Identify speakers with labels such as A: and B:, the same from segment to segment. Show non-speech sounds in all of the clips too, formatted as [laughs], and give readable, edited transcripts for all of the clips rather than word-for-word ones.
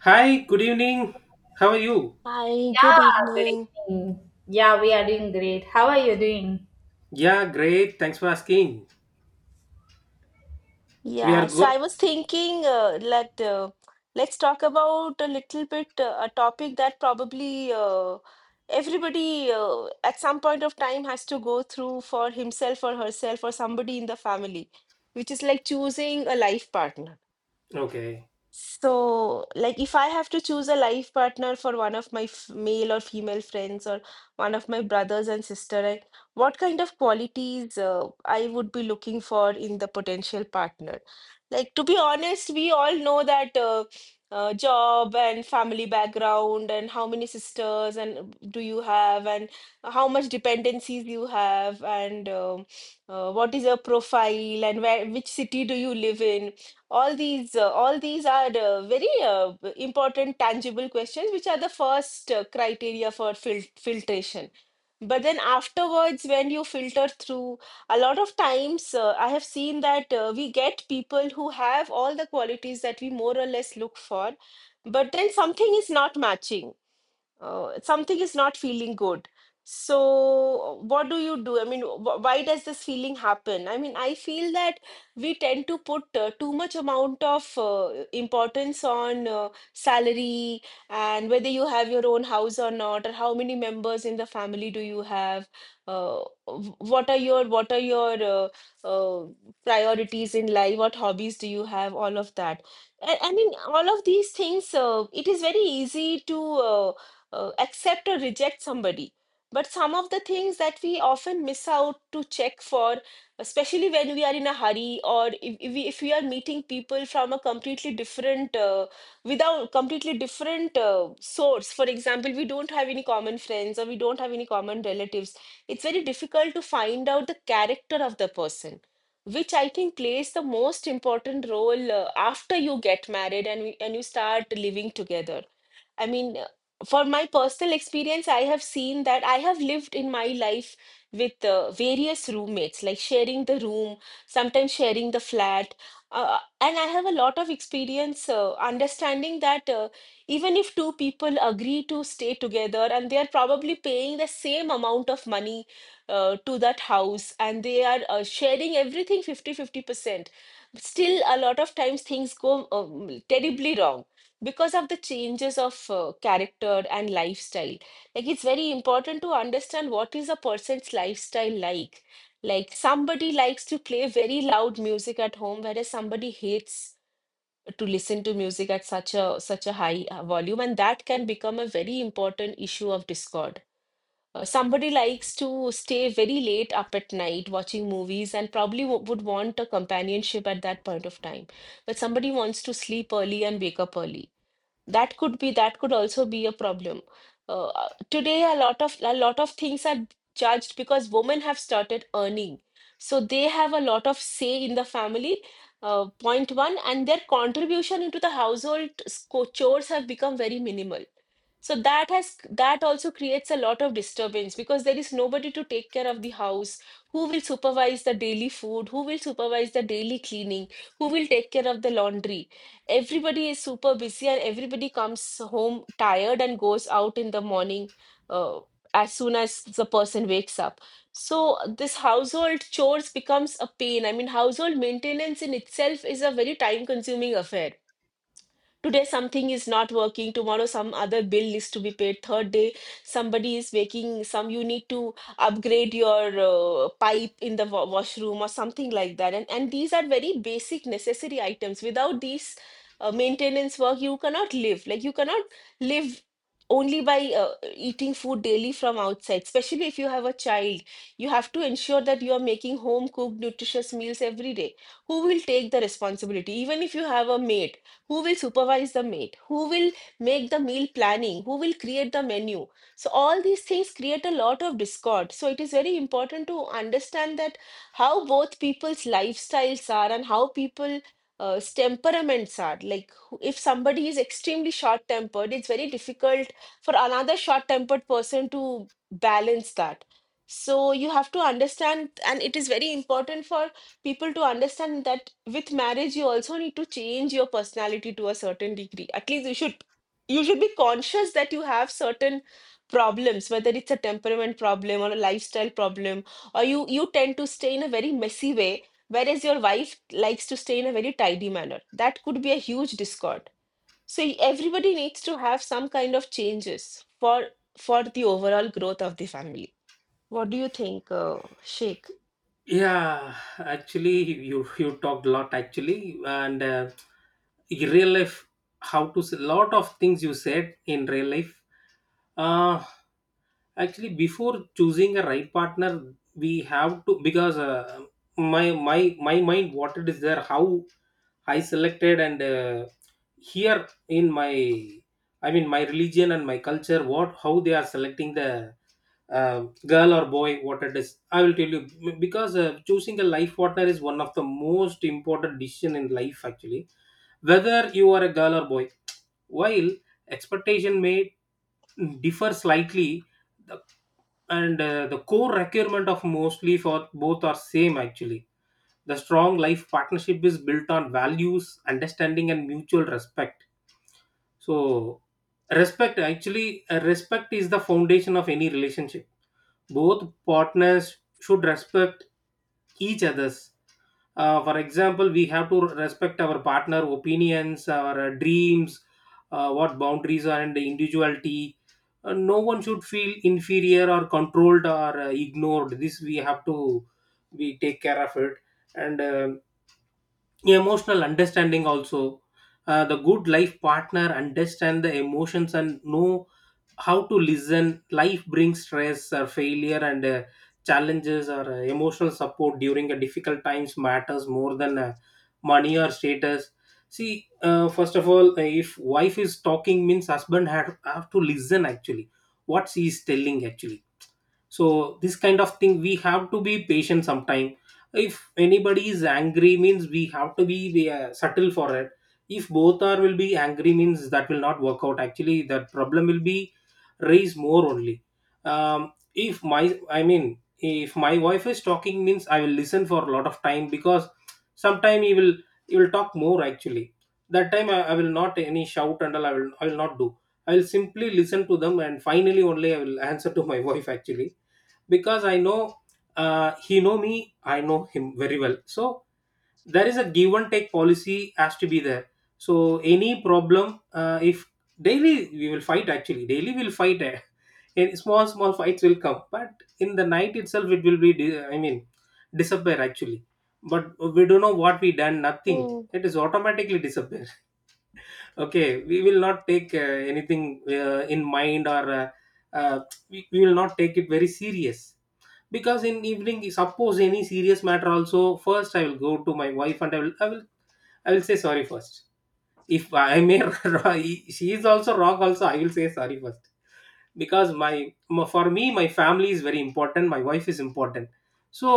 A: Hi, good evening. How are you?
B: Hi, good
C: Yeah, good
B: evening.
C: evening. Yeah, we are doing great. How are you doing?
A: Yeah, great. Thanks for asking. We are
B: Yeah, so
A: good.
B: I was thinking, let's talk about a little bit a topic that probably everybody at some point of time has to go through for himself or herself or somebody in the family, which is like choosing a life partner.
A: Okay.
B: So, like, if I have to choose a life partner for one of my f male or female friends or one of my brothers and sister, like, what kind of qualities I would be looking for in the potential partner? Like, to be honest, we all know that job and family background and how many sisters and do you have and how much dependencies you have and what is your profile and where which city do you live in? All these are very important tangible questions which are the first criteria for filtration, but then afterwards when you filter through a lot of times, I have seen that we get people who have all the qualities that we more or less look for, but then something is not matching, something is not feeling good. So, what do you do? I mean, why does this feeling happen? I mean, I feel that we tend to put too much amount of importance on salary and whether you have your own house or not, or how many members in the family do you have, uh, what are your uh, priorities in life, what hobbies do you have, all of that. I mean, all of these things. It is very easy to. Accept or reject somebody, but some of the things that we often miss out to check for especially when we are in a hurry, or if we are meeting people from a completely different without completely different source. For example, we don't have any common friends or we don't have any common relatives. It's very difficult to find out the character of the person, which I think plays the most important role after you get married and, and you start living together. I mean, for my personal experience, I have seen that I have lived in my life with various roommates, like sharing the room, sometimes sharing the flat. And I have a lot of experience understanding that even if two people agree to stay together and they are probably paying the same amount of money to that house and they are sharing everything 50-50 percent, still a lot of times things go terribly wrong because of the changes of character and lifestyle. Like, it's very important to understand what is a person's lifestyle like. Like, somebody likes to play very loud music at home whereas somebody hates to listen to music at such a high volume, and that can become a very important issue of discord. Somebody likes to stay very late up at night watching movies and probably would want a companionship at that point of time, but somebody wants to sleep early and wake up early. That could be that could also be a problem. Today a lot of things are judged because women have started earning, so they have a lot of say in the family, point one, and their contribution into the household chores have become very minimal. So that has that also creates a lot of disturbance because there is nobody to take care of the house. Who will supervise the daily food, who will supervise the daily cleaning, who will take care of the laundry? Everybody is super busy and everybody comes home tired and goes out in the morning, uh, as soon as the person wakes up. So this household chores becomes a pain. I mean, household maintenance in itself is a very time consuming affair. Today something is not working, tomorrow some other bill is to be paid, third day somebody is making some, you need to upgrade your pipe in the washroom or something like that. And these are very basic necessary items. Without these maintenance work you cannot live. Like, you cannot live only by eating food daily from outside, especially if you have a child. You have to ensure that you are making home cooked nutritious meals every day. Who will take the responsibility? Even if you have a maid, who will supervise the mate, who will make the meal planning, who will create the menu? So all these things create a lot of discord. So it is very important to understand that how both people's lifestyles are and how people temperaments are like. If somebody is extremely short tempered, it's very difficult for another short tempered person to balance that. So you have to understand, and it is very important for people to understand that with marriage you also need to change your personality to a certain degree. At least you should, you should be conscious that you have certain problems, whether it's a temperament problem or a lifestyle problem, or you tend to stay in a very messy way whereas your wife likes to stay in a very tidy manner. That could be a huge discord. So everybody needs to have some kind of changes for for the overall growth of the family. What do you think, Sheikh?
A: Yeah, actually, you talked a lot actually, and in real life, how to s lot of things you said in real life. Uh, Actually, before choosing a right partner, we have to because my mind what it is there how I selected and here in my, I mean, my religion and my culture, what how they are selecting the girl or boy, what it is I will tell you. Because choosing a life partner is one of the most important decision in life actually, whether you are a girl or boy. While expectation may differ slightly, the- and the core requirement of mostly for both are same actually. The strong life partnership is built on values, understanding, and mutual respect. So respect, actually, respect is the foundation of any relationship. Both partners should respect each others, for example. We have to respect our partner opinions, our dreams, what boundaries are, and the individuality. No one should feel inferior or controlled or ignored. This we have to, we take care of it, and emotional understanding also. The good life partner understand the emotions and know how to listen. Life brings stress or failure and challenges, or emotional support during a difficult times matters more than money or status. See, first of all, if wife is talking means husband have to listen actually, what she is telling actually. So this kind of thing we have to be patient sometime. If anybody is angry means we have to be we, subtle for it. If both are will be angry means that will not work out actually, that problem will be raised more only. Um, if my, I mean, if my wife is talking means I will listen for a lot of time, because sometime he will, he will talk more actually. That time I will not any shout and all, I will not do. I will simply listen to them, and finally only I will [laughs] answer to my [laughs] wife actually, because I know he know me, I know him very well. So there is a give and take policy has to be there. So any problem, if daily we will fight actually, daily we'll fight. Eh. [laughs] And small small fights will come, but in the night itself it will be, I mean, disappear actually. But we don't know what we done. Nothing. It is automatically disappear. [laughs] Okay, we will not take anything in mind, or uh, we will not take it very serious. Because in evening, suppose any serious matter also, first I will go to my wife and I will say sorry first. If I may, [laughs] she is also wrong also, I will say sorry first, because my, for me my family is very important, my wife is important. So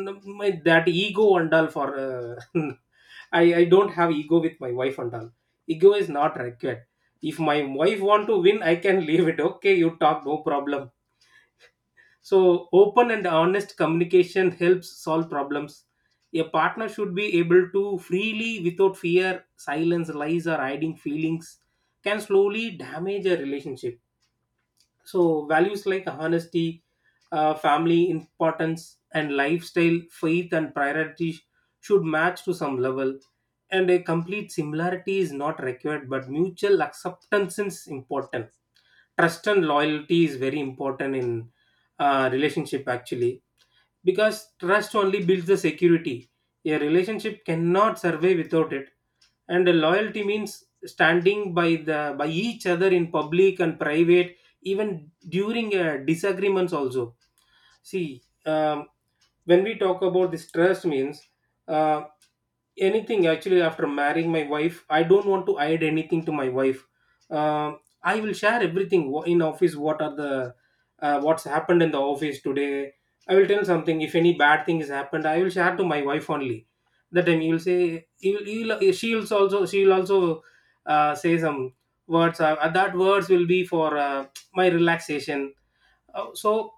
A: my that ego and all for [laughs] I don't have ego with my wife and all. Ego is not required. If my wife want to win, I can leave it. Okay, you talk, no problem. So, open and honest communication helps solve problems. A partner should be able to freely, without fear, silence, lies, or hiding feelings, can slowly damage a relationship. So, values like honesty, family importance, and lifestyle, faith, and priorities should match to some level. And a complete similarity is not required, but mutual acceptance is important. Trust and loyalty is very important in relationship actually, because trust only builds the security. A relationship cannot survive without it, and loyalty means standing by the by each other in public and private, even during disagreements also. See, when we talk about this trust means uh, anything. Actually, after marrying my wife, I don't want to hide anything to my wife. Um, I will share everything. In office, what are the what's happened in the office today, I will tell something. If any bad thing has happened, I will share to my wife only. That time you will say, she will also, she will also say some words. That words will be for my relaxation. Uh, so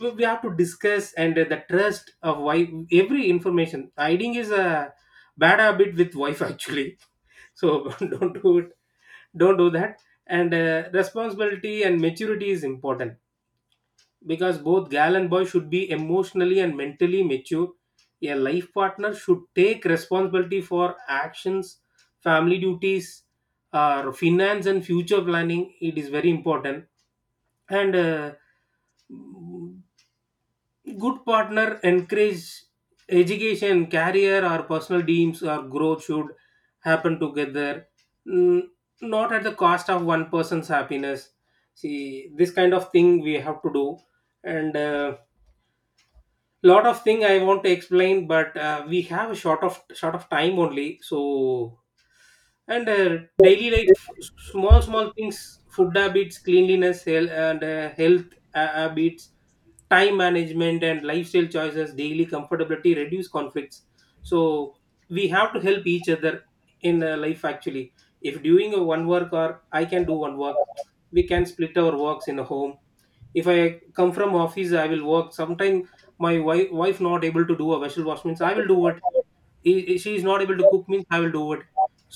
A: we have to discuss, and the trust of why every information hiding is a bad habit with wife actually. [laughs] So [laughs] don't do it, don't do that. And responsibility and maturity is important, because both gal and boy should be emotionally and mentally mature. A life partner should take responsibility for actions, family duties, finance and future planning. It is very important. And good partner encourage education, career, or personal dreams, or growth should happen together, n- not at the cost of one person's happiness. See, this kind of thing we have to do, and lot of thing I want to explain, but we have a short of time only. So and daily life, small small things, food habits, cleanliness, health, and health habits, time management and lifestyle choices, daily comfortability reduce conflicts. So we have to help each other in life actually. If doing a one work, or I can do one work, we can split our works in a home. If I come from office, I will work sometime. My wife not able to do a vessel wash means, I will do it. She is not able to cook means, I will do it.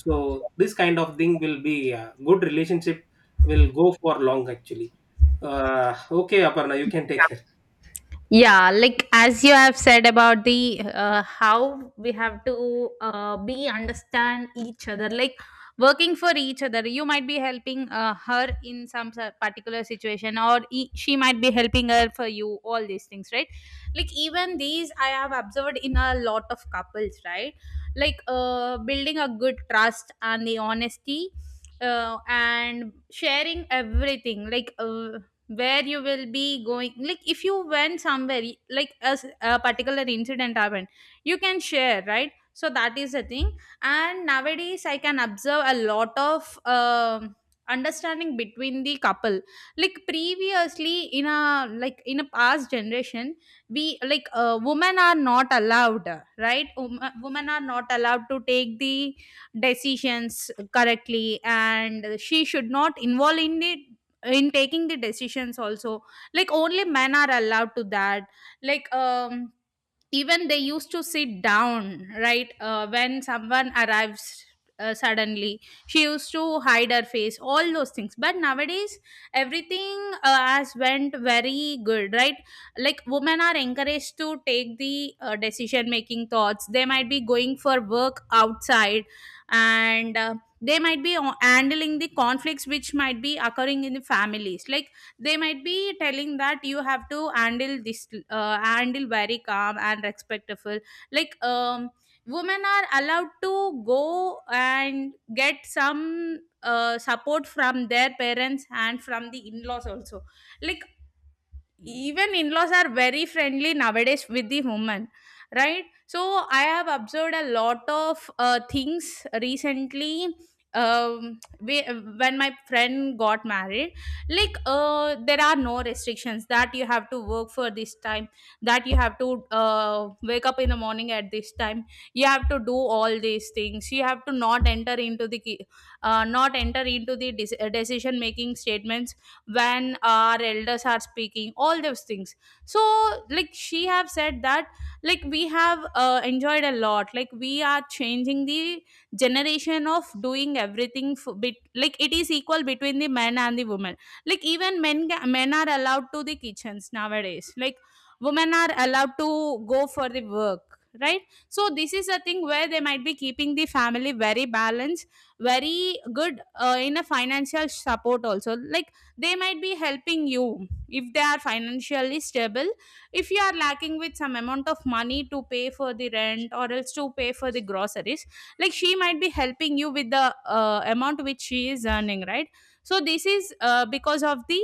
A: So this kind of thing will be a good relationship, will go for long actually. Uh, okay Aparna, you can take care.
C: Yeah, like as you have said about the how we have to be understand each other, like working for each other. You might be helping her in some particular situation, or she might be helping her for you, all these things, right? Like, even these I have observed in a lot of couples, right? Like, building a good trust and the honesty, and sharing everything, like, where you will be going, like if you went somewhere, like a particular incident happened, you can share, right? So that is the thing. And nowadays I can observe a lot of understanding between the couple. Like previously, in a, like in a past generation, we, like, women are not allowed, right? Women are not allowed to take the decisions correctly, and she should not involve in it, in taking the decisions also. Like, only men are allowed to that. Like, even they used to sit down, right? When someone arrives suddenly, she used to hide her face, all those things. But nowadays, everything has went very good, right? Like, women are encouraged to take the decision making thoughts. They might be going for work outside, and they might be handling the conflicts which might be occurring in the families. Like, they might be telling that you have to handle this, handle very calm and respectful. Like, women are allowed to go and get some support from their parents and from the in-laws also. Like, Mm, even in-laws are very friendly nowadays with the woman, right? So I have observed a lot of things recently. um, we, when my friend got married, like, there are no restrictions that you have to work for this time, that you have to wake up in the morning at this time, you have to do all these things, you have to not enter into the not enter into the decision making statements when our elders are speaking, all those things. So, like, she have said that, like, we have enjoyed a lot. Like, we are changing the generation of doing everything for bit. Like, it is equal between the men and the women. Like, even men men are allowed to the kitchens nowadays. Like, women are allowed to go for the work, right? So this is a thing where they might be keeping the family very balanced, very good, in a financial support also. Like, they might be helping you if they are financially stable. If you are lacking with some amount of money to pay for the rent or else to pay for the groceries, like, she might be helping you with the amount which she is earning, right? So this is because of the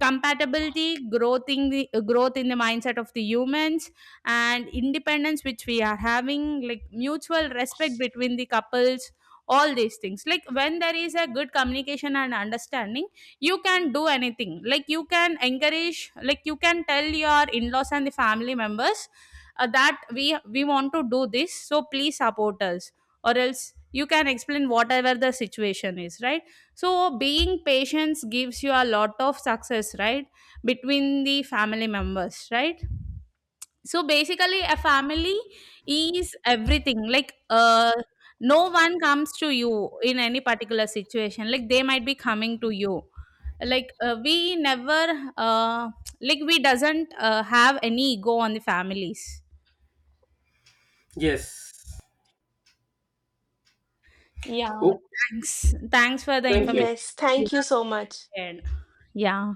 C: compatibility growth in the mindset of the humans, and independence which we are having, like mutual respect between the couples, all these things. Like, when there is a good communication and understanding, you can do anything. Like, you can encourage, like, you can tell your in-laws and the family members that we want to do this, so please support us. Or else, you can explain whatever the situation is, right? So being patient gives you a lot of success, right, between the family members, right? So basically, a family is everything. Like, no one comes to you in any particular situation. Like, they might be coming to you. Like, we never, uh, like, we doesn't have any ego on the families.
A: Yes.
C: Yeah.
A: Oh,
C: Thanks. Thanks for the
A: thank you.
C: information
B: Yes,
C: you
B: thank you so much.
C: have shared. Yeah.